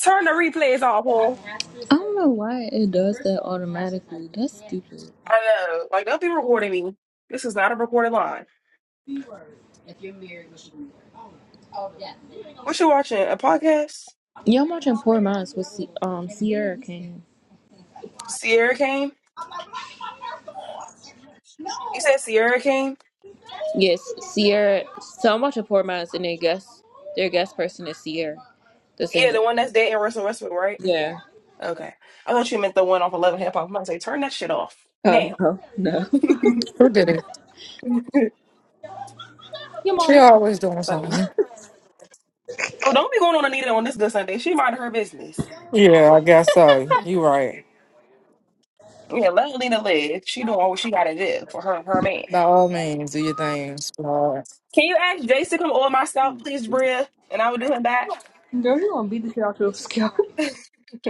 Turn the replays off, I Paul. don't know why it does that automatically. That's stupid. I know. Like, they'll be recording me. This is not a recorded line. What you watching? A podcast? Yeah, I'm watching Poor Minds with C- um Sierra Kane. Sierra Kane? You said Sierra Kane? Yes, Sierra. So I'm watching Poor Minds, and their guest their guest person is Sierra, the Yeah, singer. the one that's dating Russell Westbrook, right? Yeah. Okay. I thought you meant the one off 11 Hip Hop. I'm about to say, turn that shit off. Oh Now. no, no. Who did it? oh, Your She mama. always doing So no. something. don't be going on Anita on this good Sunday. She minding her business. Yeah, I guess so. You right. Yeah, let Anita live. She doing what she gotta do for her her man. By all means, do your things. Lord. Can you ask Jace to come on my scalp, please, Bria? And I will do him back. Girl, you gonna beat the shit out your scalp.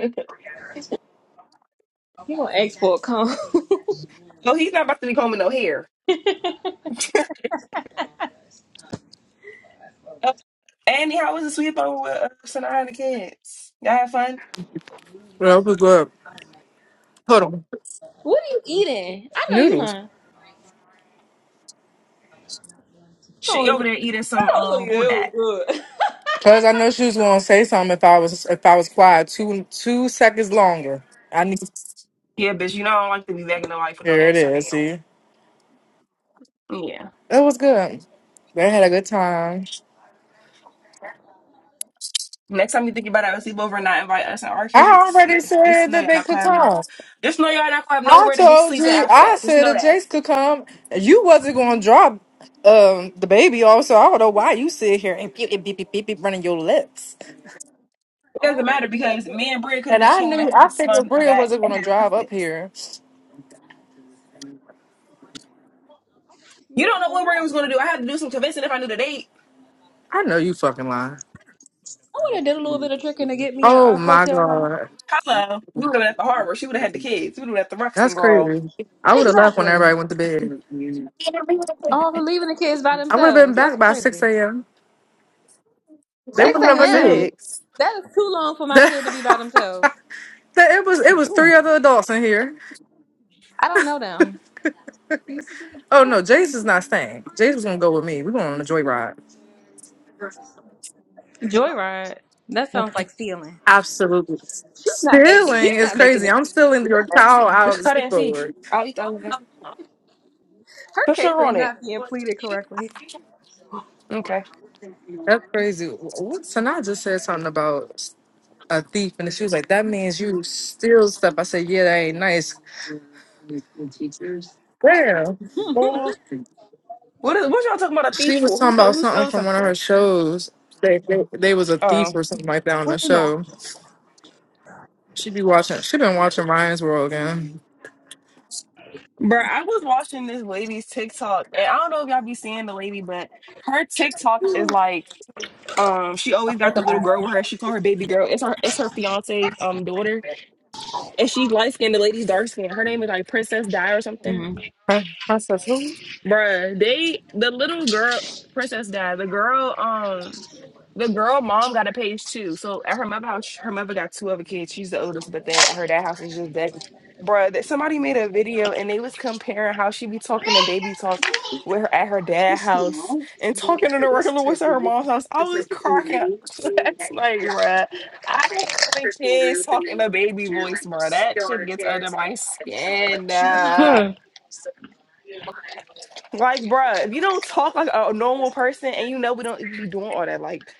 You gonna ask for a comb? no, he's not about to be combing no hair. Andy, how was the sleepover with uh, Sanaa and the kids? Y'all had fun? That was good. Hold on. what are you eating? I know you Noodles. lying. She Oh, over there eating I some know so um you. bulldog. It was good. Cause I know she was gonna say something if I was if I was quiet two two seconds longer. I need Yeah, bitch, you know I don't like to be back in the life with no here it answer is, now. see. Yeah. It was good. They had a good time. Next time you think about having a sleepover and not invite us and our I kids, already yeah. said Just know that y'all they not could gonna have no come. just know y'all not gonna have I nowhere to be told sleeping you, after I that. Just said know if that. Jace could come, you wasn't gonna drop um the baby off, so I don't know why you sit here and beep beep beep beep beep, beep running your lips. It doesn't Oh, matter I because me and Bria could have And just I came and knew had I this figured fun and Bria got wasn't and gonna had drive up breakfast. here. You don't don't know know what what Bria I was was gonna doing. do. I had to do some convincing if I knew the date. I know you fucking lying. I would have did a little bit of tricking to get me a, Oh a my hotel room. god. Hello. We would have been at the harbor. She would have had the kids. We would have been at the That's Ruxton girl. crazy. I would have left when Exactly. everybody went to bed. Oh, leaving the kids by I would have been themselves. That's back by six crazy. AM. They 6 would Back by her never knew. a.m. six. That is too long for my The- kid to be by themselves. it was it was Ooh, three other adults in here. I don't know them. Oh no, Jace is not staying. Jace was gonna go with me. We're going on a joyride. Joyride. That yeah. sounds like stealing. Absolutely. She's not making. She's Stealing is not making crazy. the I'm case stealing any your better. child out of Just the cut it and see. schoolwork. I'll eat the other one. Her Put case sugar is on it. not being pleaded correctly. Okay. That's crazy. What Sanaa just said something about a thief, and she was like, "That means you steal stuff." I said, "Yeah, that ain't nice." Well, Well, what is, what y'all talking about a thief she was for? Who talking th- about who something stole from one of her something? shows. They they, they was a thief Oh, or something like that on the show. She be watching. She been watching Ryan's World again. bro, I was watching this lady's TikTok, and I don't know if y'all be seeing the lady, but her TikTok is like, um, she always got the little girl with her. She called her baby girl. It's her it's her fiance's um daughter, and she's light skinned. The lady's dark skinned. Her name is like Princess Di or something. Huh? I Princess who? Bruh, they the little girl princess died. The girl, um, the girl mom got a page too. So at her mother house, her mother got two other kids. She's the oldest, but then at her dad house is just dead. Bruh, that somebody made a video and they was comparing how she be talking in baby talk with her at her dad house and talking in the regular voice at her mom's house. I was cracking up. That's like, bruh, I don't like kids talking a baby voice, bruh. That shit gets under my skin. nah. Huh. Like, bruh, if you don't talk like a normal person and you know we don't even be doing all that, like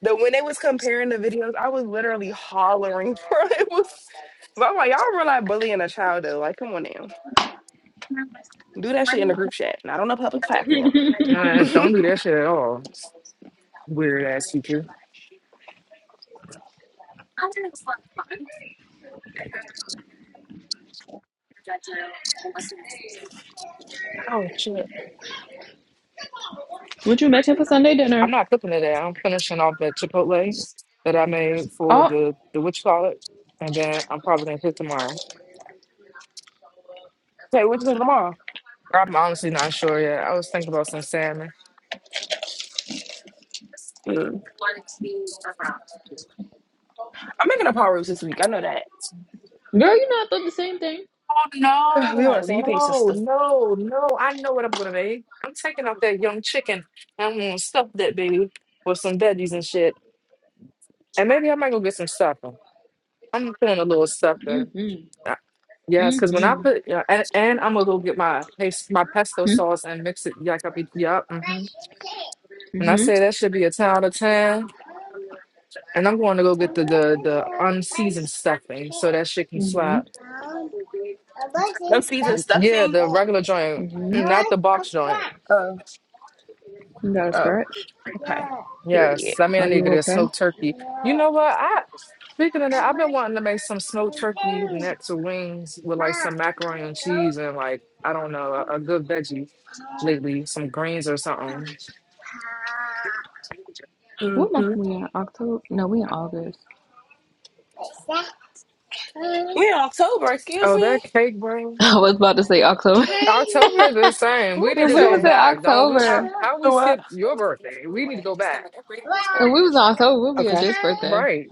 the when they was comparing the videos, I was literally hollering, bro. It was but I'm like, y'all realize bullying a child though. Like, come on now. Do that shit in a group chat, not on a public platform. Uh, don't do that shit at all. Weird ass teacher. Would you make it for Sunday I'm dinner? not cooking today. I'm finishing off the chipotle that I made for Oh, the the witch college, and then I'm probably gonna cook tomorrow. Okay, what you doing tomorrow? Or I'm honestly not sure yet. I was thinking about some salmon. Mm. I'm making a pot roast this week. I know that. Girl, you know I thought the same thing. Oh we on the no, same page, no, sister. no, no! I know what I'm gonna make. I'm taking out that young chicken and I'm gonna stuff that baby with some veggies and shit, and maybe I might go get some stuffing. I'm feeling a little stuffing. Mm-hmm. Uh, Yes, because when I Mm-hmm. put yeah, and, and I'm gonna go get my pas- my pesto Mm-hmm. sauce and mix it. Yuck, yup. yup, Mm-hmm. And I say Mm-hmm. that should be a ten out of ten. And I'm going to go get the the, the unseasoned stuffing so that shit can Mm-hmm. slap. No season Yeah, stuffing. the regular joint, You mm, not the box joint. Oh, got a oh, scratch? okay. Yes, Period. I mean I Are need you to get a okay? smoked turkey. You know what? I speaking of that, I've been wanting to make some smoked turkey next to wings with like some macaroni and cheese and like I don't know a, a good veggie lately, some greens or something. What month Mm-hmm. we in? October? No, we in August. We in October, excuse Oh, me. that cake, bro. I was about to say October. October is the same. What We need you and to we go say? was You in back. Don't we? How October. how we know What? skip your birthday? We need to go back. And we was in October. We'll be Okay. at Jake's birthday. Right.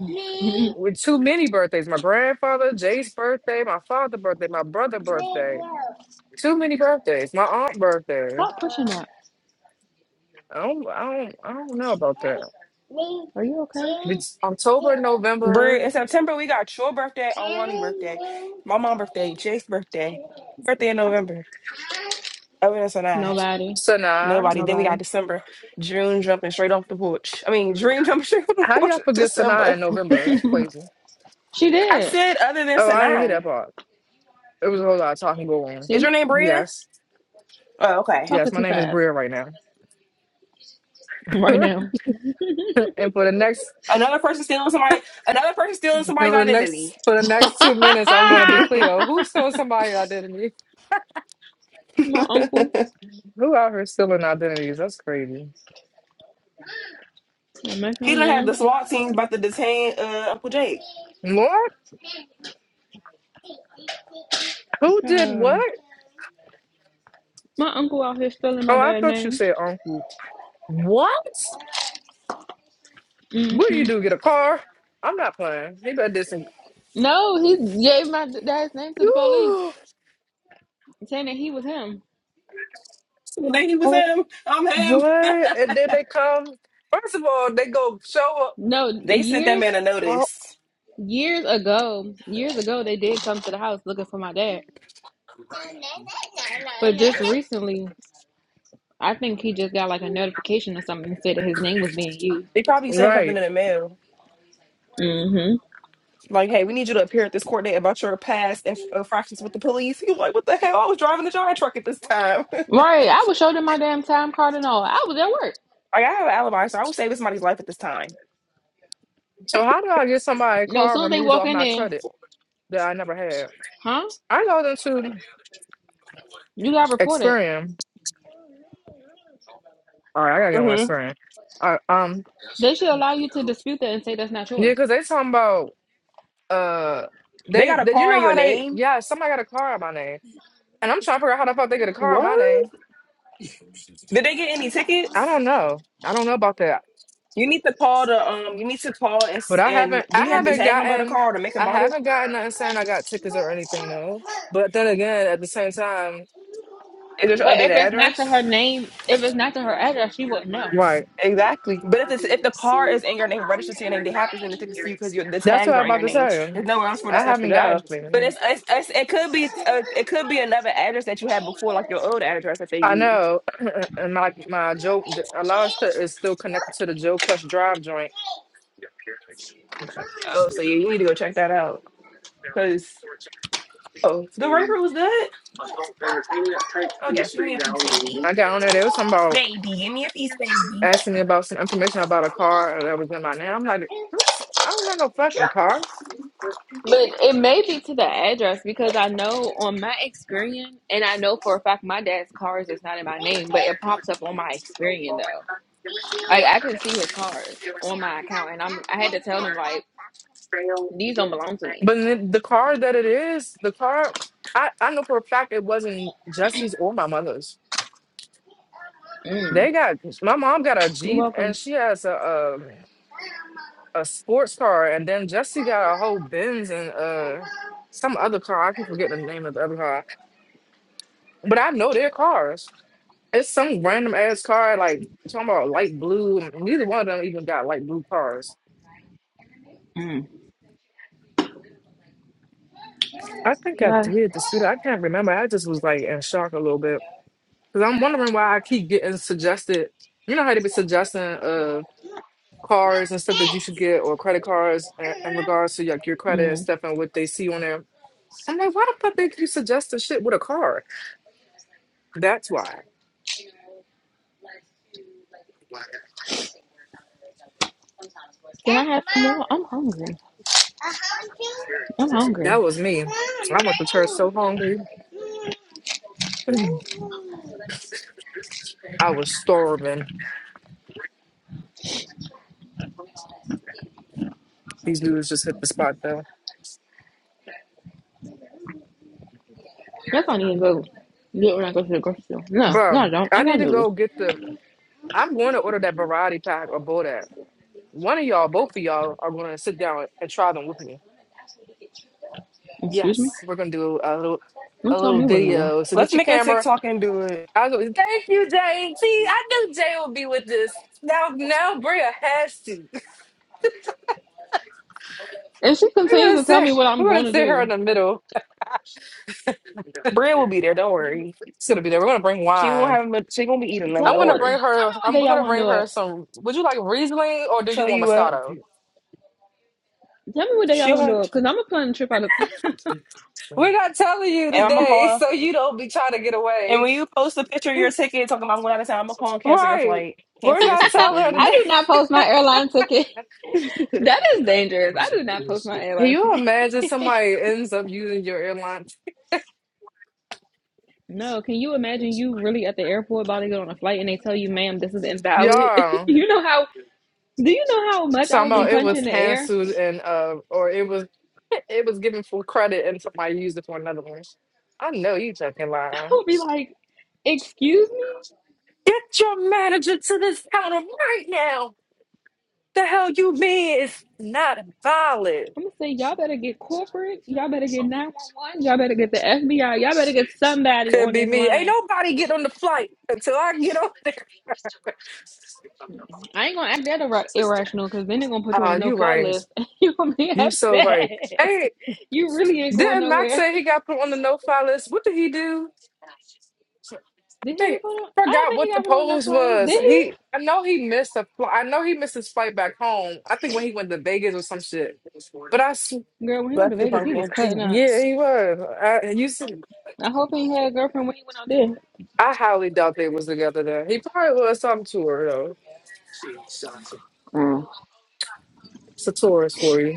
With too many birthdays. My grandfather, Jay's birthday, my father's birthday, my brother's birthday. Too many birthdays. My aunt's birthday. Stop pushing that. I don't I don't I don't know about that. Are you okay? It's October, Bru, November, in September we got your birthday, Awani's birthday, my mom's birthday, Jake's birthday, birthday in November. Other than so nine. Nobody. Sanaa. Nobody. Then we got Nobody. December. June jumping straight off the porch. I mean, Dream jumping straight off the How porch y'all in forget Sanaa December. in November? That's crazy. she I did. said other than Oh, I didn't hear that Sanai. part. It was a whole lot of talking going Is See? your name on. Bria? Yes. Oh, okay. Yes, Talking my too name is fast Bria right now. right now. and for the next Another person stealing somebody. Another person stealing And somebody's for the identity. next for the next two minutes, I'm he gonna be Cleo. Who stole somebody's identity? My uncle, Who out here stealing identities? That's crazy. I'm not going done had the SWAT teams about to detain uh, Uncle Jake. What? Who did Child, what? My uncle out here stealing Oh, my I dad's thought you name. said uncle. What? What do hmm you do? Get a car? I'm not playing. He better did some. No, he gave my dad's name to the police, Ooh, saying that he was him. So they was oh, him. I'm him. what? And then they come. First of all, they go show up. No, They sent that years, man a Oh, notice. years ago, years ago, they did come to the house looking for my dad. But just recently, I think he just got like a notification or something that said that his name was being used. They probably sent him something right. in the mail. hmm Like, hey, we need you to appear at this court date about your past and infractions with the police. He was like, what the hell? I was driving a giant truck at this time. like, Right, I was showing them my damn time card and all. I was at work. I have an alibi, so I was saving somebody's life at this time. So how do I get somebody's No, as car soon as they removed walk off in my there, credit that I never had? huh? I know them to You got reported. Experian All right, I gotta get on my hmm screen. All right, um, They should allow you to dispute that and say that's not yeah, yours. because they talking about uh, They they got a did you car know in your how they? name? Yeah, somebody got a car on my name, and I'm trying to figure out how the fuck they get a car on my What? name. Did they get any I tickets? don't know. I don't know about that, You need to call the um. You need to call and but s- I and haven't. do I you have What's the the haven't move? tag number of the gotten. car or the make and I model? haven't gotten nothing saying I got tickets or anything though. But then again, at the same time, Is this your But if updated it's not to address? her name, if it's not to her address, she wouldn't know. right? Exactly. But if the, if the car is in your name, registered to your name, they have to send the tickets to you because the That's what tags I'm are in about your to name. say. There's nowhere else for the I stuff to haven't go. gotten But anything. it's, it's, it's it could be uh, it could be another address that you had before, like your old address that they I used. know, and my my Joe, th- a lot of stuff is still connected to the Joe Plus Drive joint. Oh, so yeah, you need to go check that out. Cause oh, the record was good. I got Oh yes, give me a piece, baby, on there. There was something about baby, give me a piece, baby. asking me about some information about a car that was in my name. I'm like, this, I don't have no fucking car. But it may be to the address because I know on my Experian, and I know for a fact my dad's cars is not in my name, but it pops up on my Experian though. Like I can see his cars on my account, and I'm I had to tell them like these don't belong to me. But then the car that it is, the car, I, I know for a fact it wasn't Jesse's or my mother's. Mm. They got my mom got a You're Jeep and welcome. she has a, a sports car, and then Jesse got a whole Benz and uh some other car. I keep forgetting the name of the other car, but I know their cars. It's some random ass car, like talking about light blue. and Neither one of them even got light blue cars. Mm. I think I Yeah. did the student. I can't remember. I just was like in shock a little bit because I'm wondering why I keep getting suggested. You know how they be suggesting uh cars and stuff that you should get or credit cards in, in regards to like your credit and Mm. stuff and what they see on there. I'm like, why the fuck they keep suggesting shit with a car? That's why. Can I have some more? I'm hungry. I'm hungry. That was me. I went to church so hungry. I was starving. These dudes just hit the spot though. Guess I need to go do it when I go to the grocery store. No, no, I Bro, don't. I I need got to noodles. go get the I'm going to order that variety pack or Bodak. One of y'all, both of y'all are gonna sit down and try them with me. Excuse me. Yes, we're gonna do a little Don't a tell little me what to do. video. So Let's get your make a camera. TikTok and do it. I go, thank you, Jay. See, I knew Jay would be with this. Now now Bria has to. If she We're continues gonna to tell me sit what I'm we're going gonna to sit her in do, the middle. Bria will be there. Don't worry. It's gonna be there. We're gonna bring She won't wine. have. She won't be eating them. tell I'm Don't me gonna what day, worry. bring tell her. me what I'm day y'all gonna want to bring do her it. some. Would you like Riesling or do you Tell want you what, Moscato? Tell me what day y'all she'll want to have. do it, cause I'm gonna plan a trip out of town. We're not telling you And I'm gonna today, call. so you don't be trying to get And away. when you post a picture of your ticket talking about I'm going out of town, I'm gonna call and cancel your right. flight. We're Cancel your not ticket for telling her you. I today. do not post my airline ticket. That is dangerous. I do not post my Can airline you ticket. imagine somebody ends up using your airline? No, can you imagine you really at the airport about to get on a flight and they tell you, ma'am, this is invalid? Yeah. you know how? Do you know how much I Talking would be about it was punching the air? canceled and uh, or it was it was given full credit and somebody used it for another one. I know you fucking lying. I'll be like, excuse me? Get your manager to this counter right now. The hell you mean it's not valid? I'm gonna say y'all better get corporate, y'all better get 911, y'all better get the FBI, y'all better get somebody Could on be this me. Ain't line. nobody get on the flight until I get on there. I ain't gonna act that ir- irrational because then they're gonna put you on Ah, a no you fly right. list and you're gonna be You so right. upset. Hey, you really ain't going didn't Max nowhere. say he got put on the no-fly list? What did he do? So- I Did he think get put on? I I don't forgot think he what the got put on a no pose fly list. was. Did He, he? I know he missed a flight. I know he missed his flight back home. I think when he went to Vegas or some shit. But I, s- Girl, when he went Bless to you, Vegas, he was pumpkin. cutting up. yeah, he was. I, you see, I hope he had a girlfriend when he went out there. I highly doubt they was together there. He probably was some tour though. Mm. It's a tourist for you.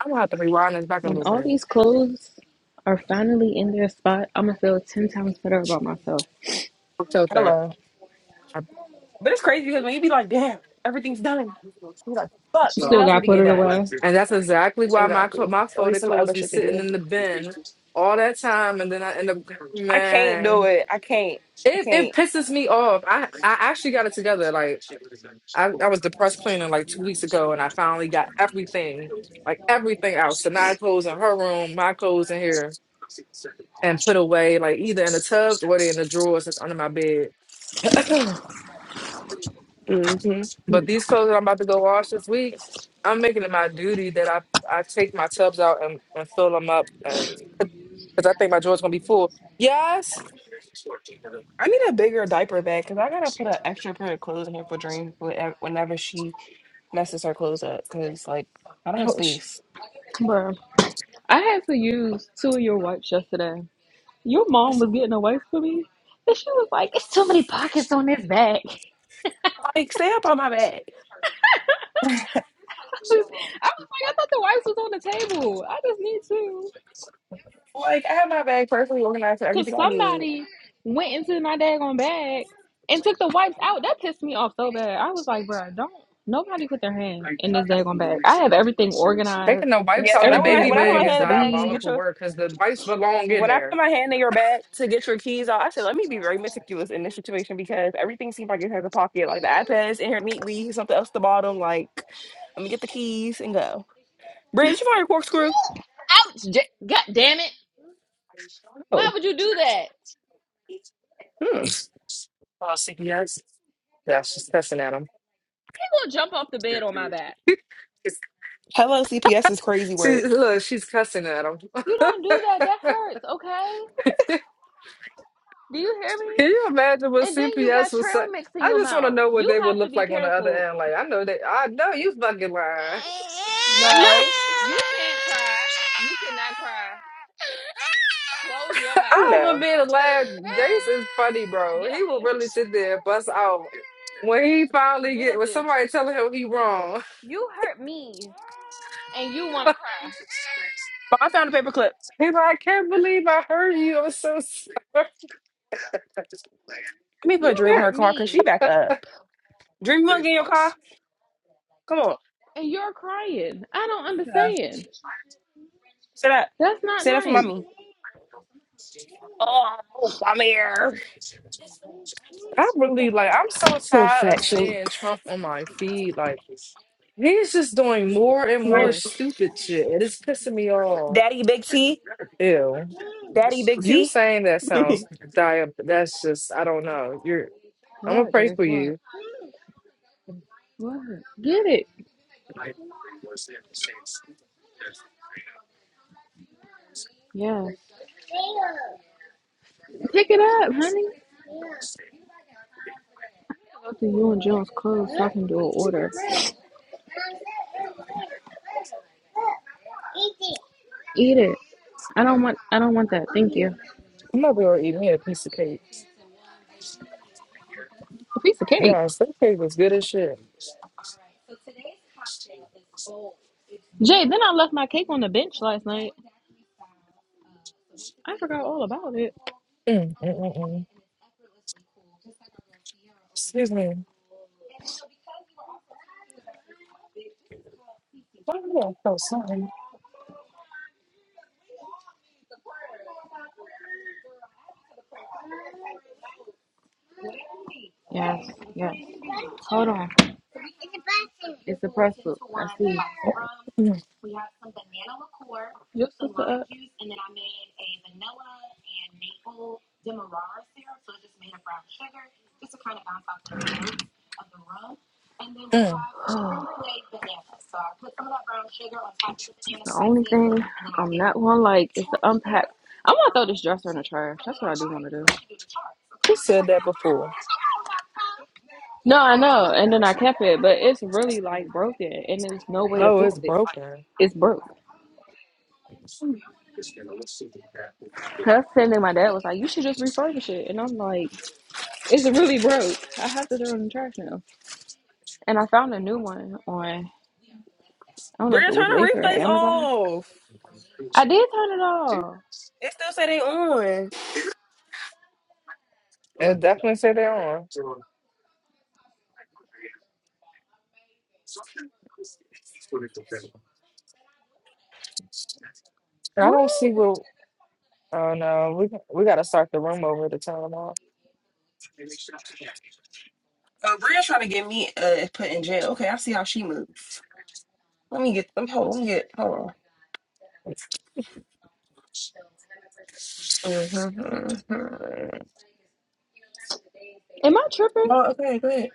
I'm gonna have to rewind this back a When little all bit. these clothes are finally in their spot, I'm gonna feel 10 times better about myself. I'll Tilt that. Hello. I- But it's crazy because when you be like, damn, everything's done. You're like, fuck, You something still else need got to put get it done. away, And that's exactly why my cl- Exactly. my So there's folded some clothes other be shit to sitting do. in the bin all that time, and then I end up I can't do man. it. I can't. I It it can't. pisses me off. I I actually got it together. Like I, I was depressed cleaning like two weeks ago, and I finally got everything, like everything out. So Sanaa clothes in her room, my clothes in here, and put away like either in the tubs or they in the drawers that's under my bed. hmm But these clothes that I'm about to go wash this week, I'm making it my duty that I, I take my tubs out and, and fill them up and because I think my drawer's gonna be full. Yes. I need a bigger diaper bag because I gotta put an extra pair of clothes in here for Dream whenever whenever she messes her clothes up. Cause like I don't have Ouch. space. bro. I had to use two of your wipes yesterday. Your mom It's- was getting a wipe for me, and she was like, "It's too many pockets on this bag." I Like stay up on my bed. was like, "I thought the wipes was on the table. I just need two, Like I have my bag perfectly organized for cause everything I need. somebody went into my daggone bag and took the wipes out. That pissed me off so bad. I was like, bro, don't nobody put their hand in this daggone bag. I have everything Taking organized. the wipes Yes, out when I the put Everything my, is baby when I where put it bag my hand needs is in to the bag to get be. diabolical your work because the wipes belong in when I put there. my hand in your bag to get your keys out, I said let me be very meticulous in this situation because everything seems like it has a pocket. Like the iPad's in here neatly, something else at the bottom. Like let me get the keys and go. Brandon, did you find your corkscrew? Ouch! J- God damn it! Why Oh, would you do that? hmm. Yeah, she's cussing at him. will jump off the bed on my back. Hello, CPS is crazy See, work. look, she's cussing at him. You don't do that. That hurts, okay? Do you hear me? Can you imagine what And then you CPS got was say? trail mix in I your just want to mouth. know what You they would have to look be like on the other careful. end. Like, I know they, I know you fucking lying. No, No, you can't cry. You cannot cry. Close your Oh I mouth. was no, being laugh. No. Jason's funny, bro. Get up He will there. really sit there and bust out when he finally Get get up when there. somebody telling him he wrong. You hurt me and you want to cry. He's but I found a paperclip. like, I can't believe I heard you. I'm so sorry. Let me You put Dream in her hurt car because she me back up. Dream, you want to get in your car? Come on, and you're crying. I don't understand. sit up, That's not sit up for nice. mommy. Oh, I'm here. I really like. I'm so Old tired of fat shink. seeing Trump on my feed. Like he's just doing more and more My Yes. stupid shit, and it's pissing me off. daddy Big T, Ew. daddy Big You T. saying that Bria Mm-hmm. sounds diab. That's just I don't know. You're. I'm gonna Hard pray drive, for you. what? What? Get it. Yes. Pick it up, honey. Go to you and Jones clothes so I can do an order. Eat it. I don't want I don't want that. Thank you. I'm over to eat me a piece of cake. A piece of cake. Yeah, that cake was good as shit. Jay, then I left my cake on the bench last night. I forgot all about it. Mm, mm, mm, mm. Excuse me. Why do I feel something? Yes, yes. Hold on. It's a press book. I see. Mm, Your sister up. And then I made a vanilla and maple demerara syrup, so I just made a brown sugar. mm. The only thing slices, I'm I am not gonna like is to unpack. I'm gonna throw this dresser in the trash. That's what I do want to do. Who said that before? No, I know. And then I kept it, but it's really like broken, and there's no way to Oh, fix it's it. Like broken. it's broke. That's the thing. My dad was like, "You should just refurbish it," and I'm like, "It's really broke. I have to throw it in the trash now." And I found a new one on. I don't know if it was trying to Wayfair or replays Amazon. off. I did turn it off. It still say they on. It definitely said that on. I don't see What? where. Oh no, we we gotta start the room over to turn them off. Uh, Bria trying to get me uh put in jail. Okay, I see how she moves. Let me get. Let me hold. on, Let me get. Hold on. Mhm. Am I tripping? No, okay, go ahead.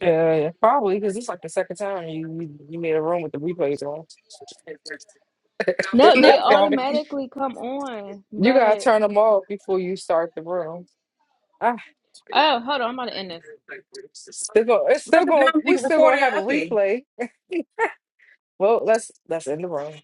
Yeah, yeah, probably because it's like the second time you you you made a room with the replays on. No, they Not probably. automatically come on. you gotta But turn them off before you start the room. I oh, hold on, I'm about to end this. Still go, it's I still just now going. we We still gonna recording. have a Okay. replay. Well, let's let's end the room.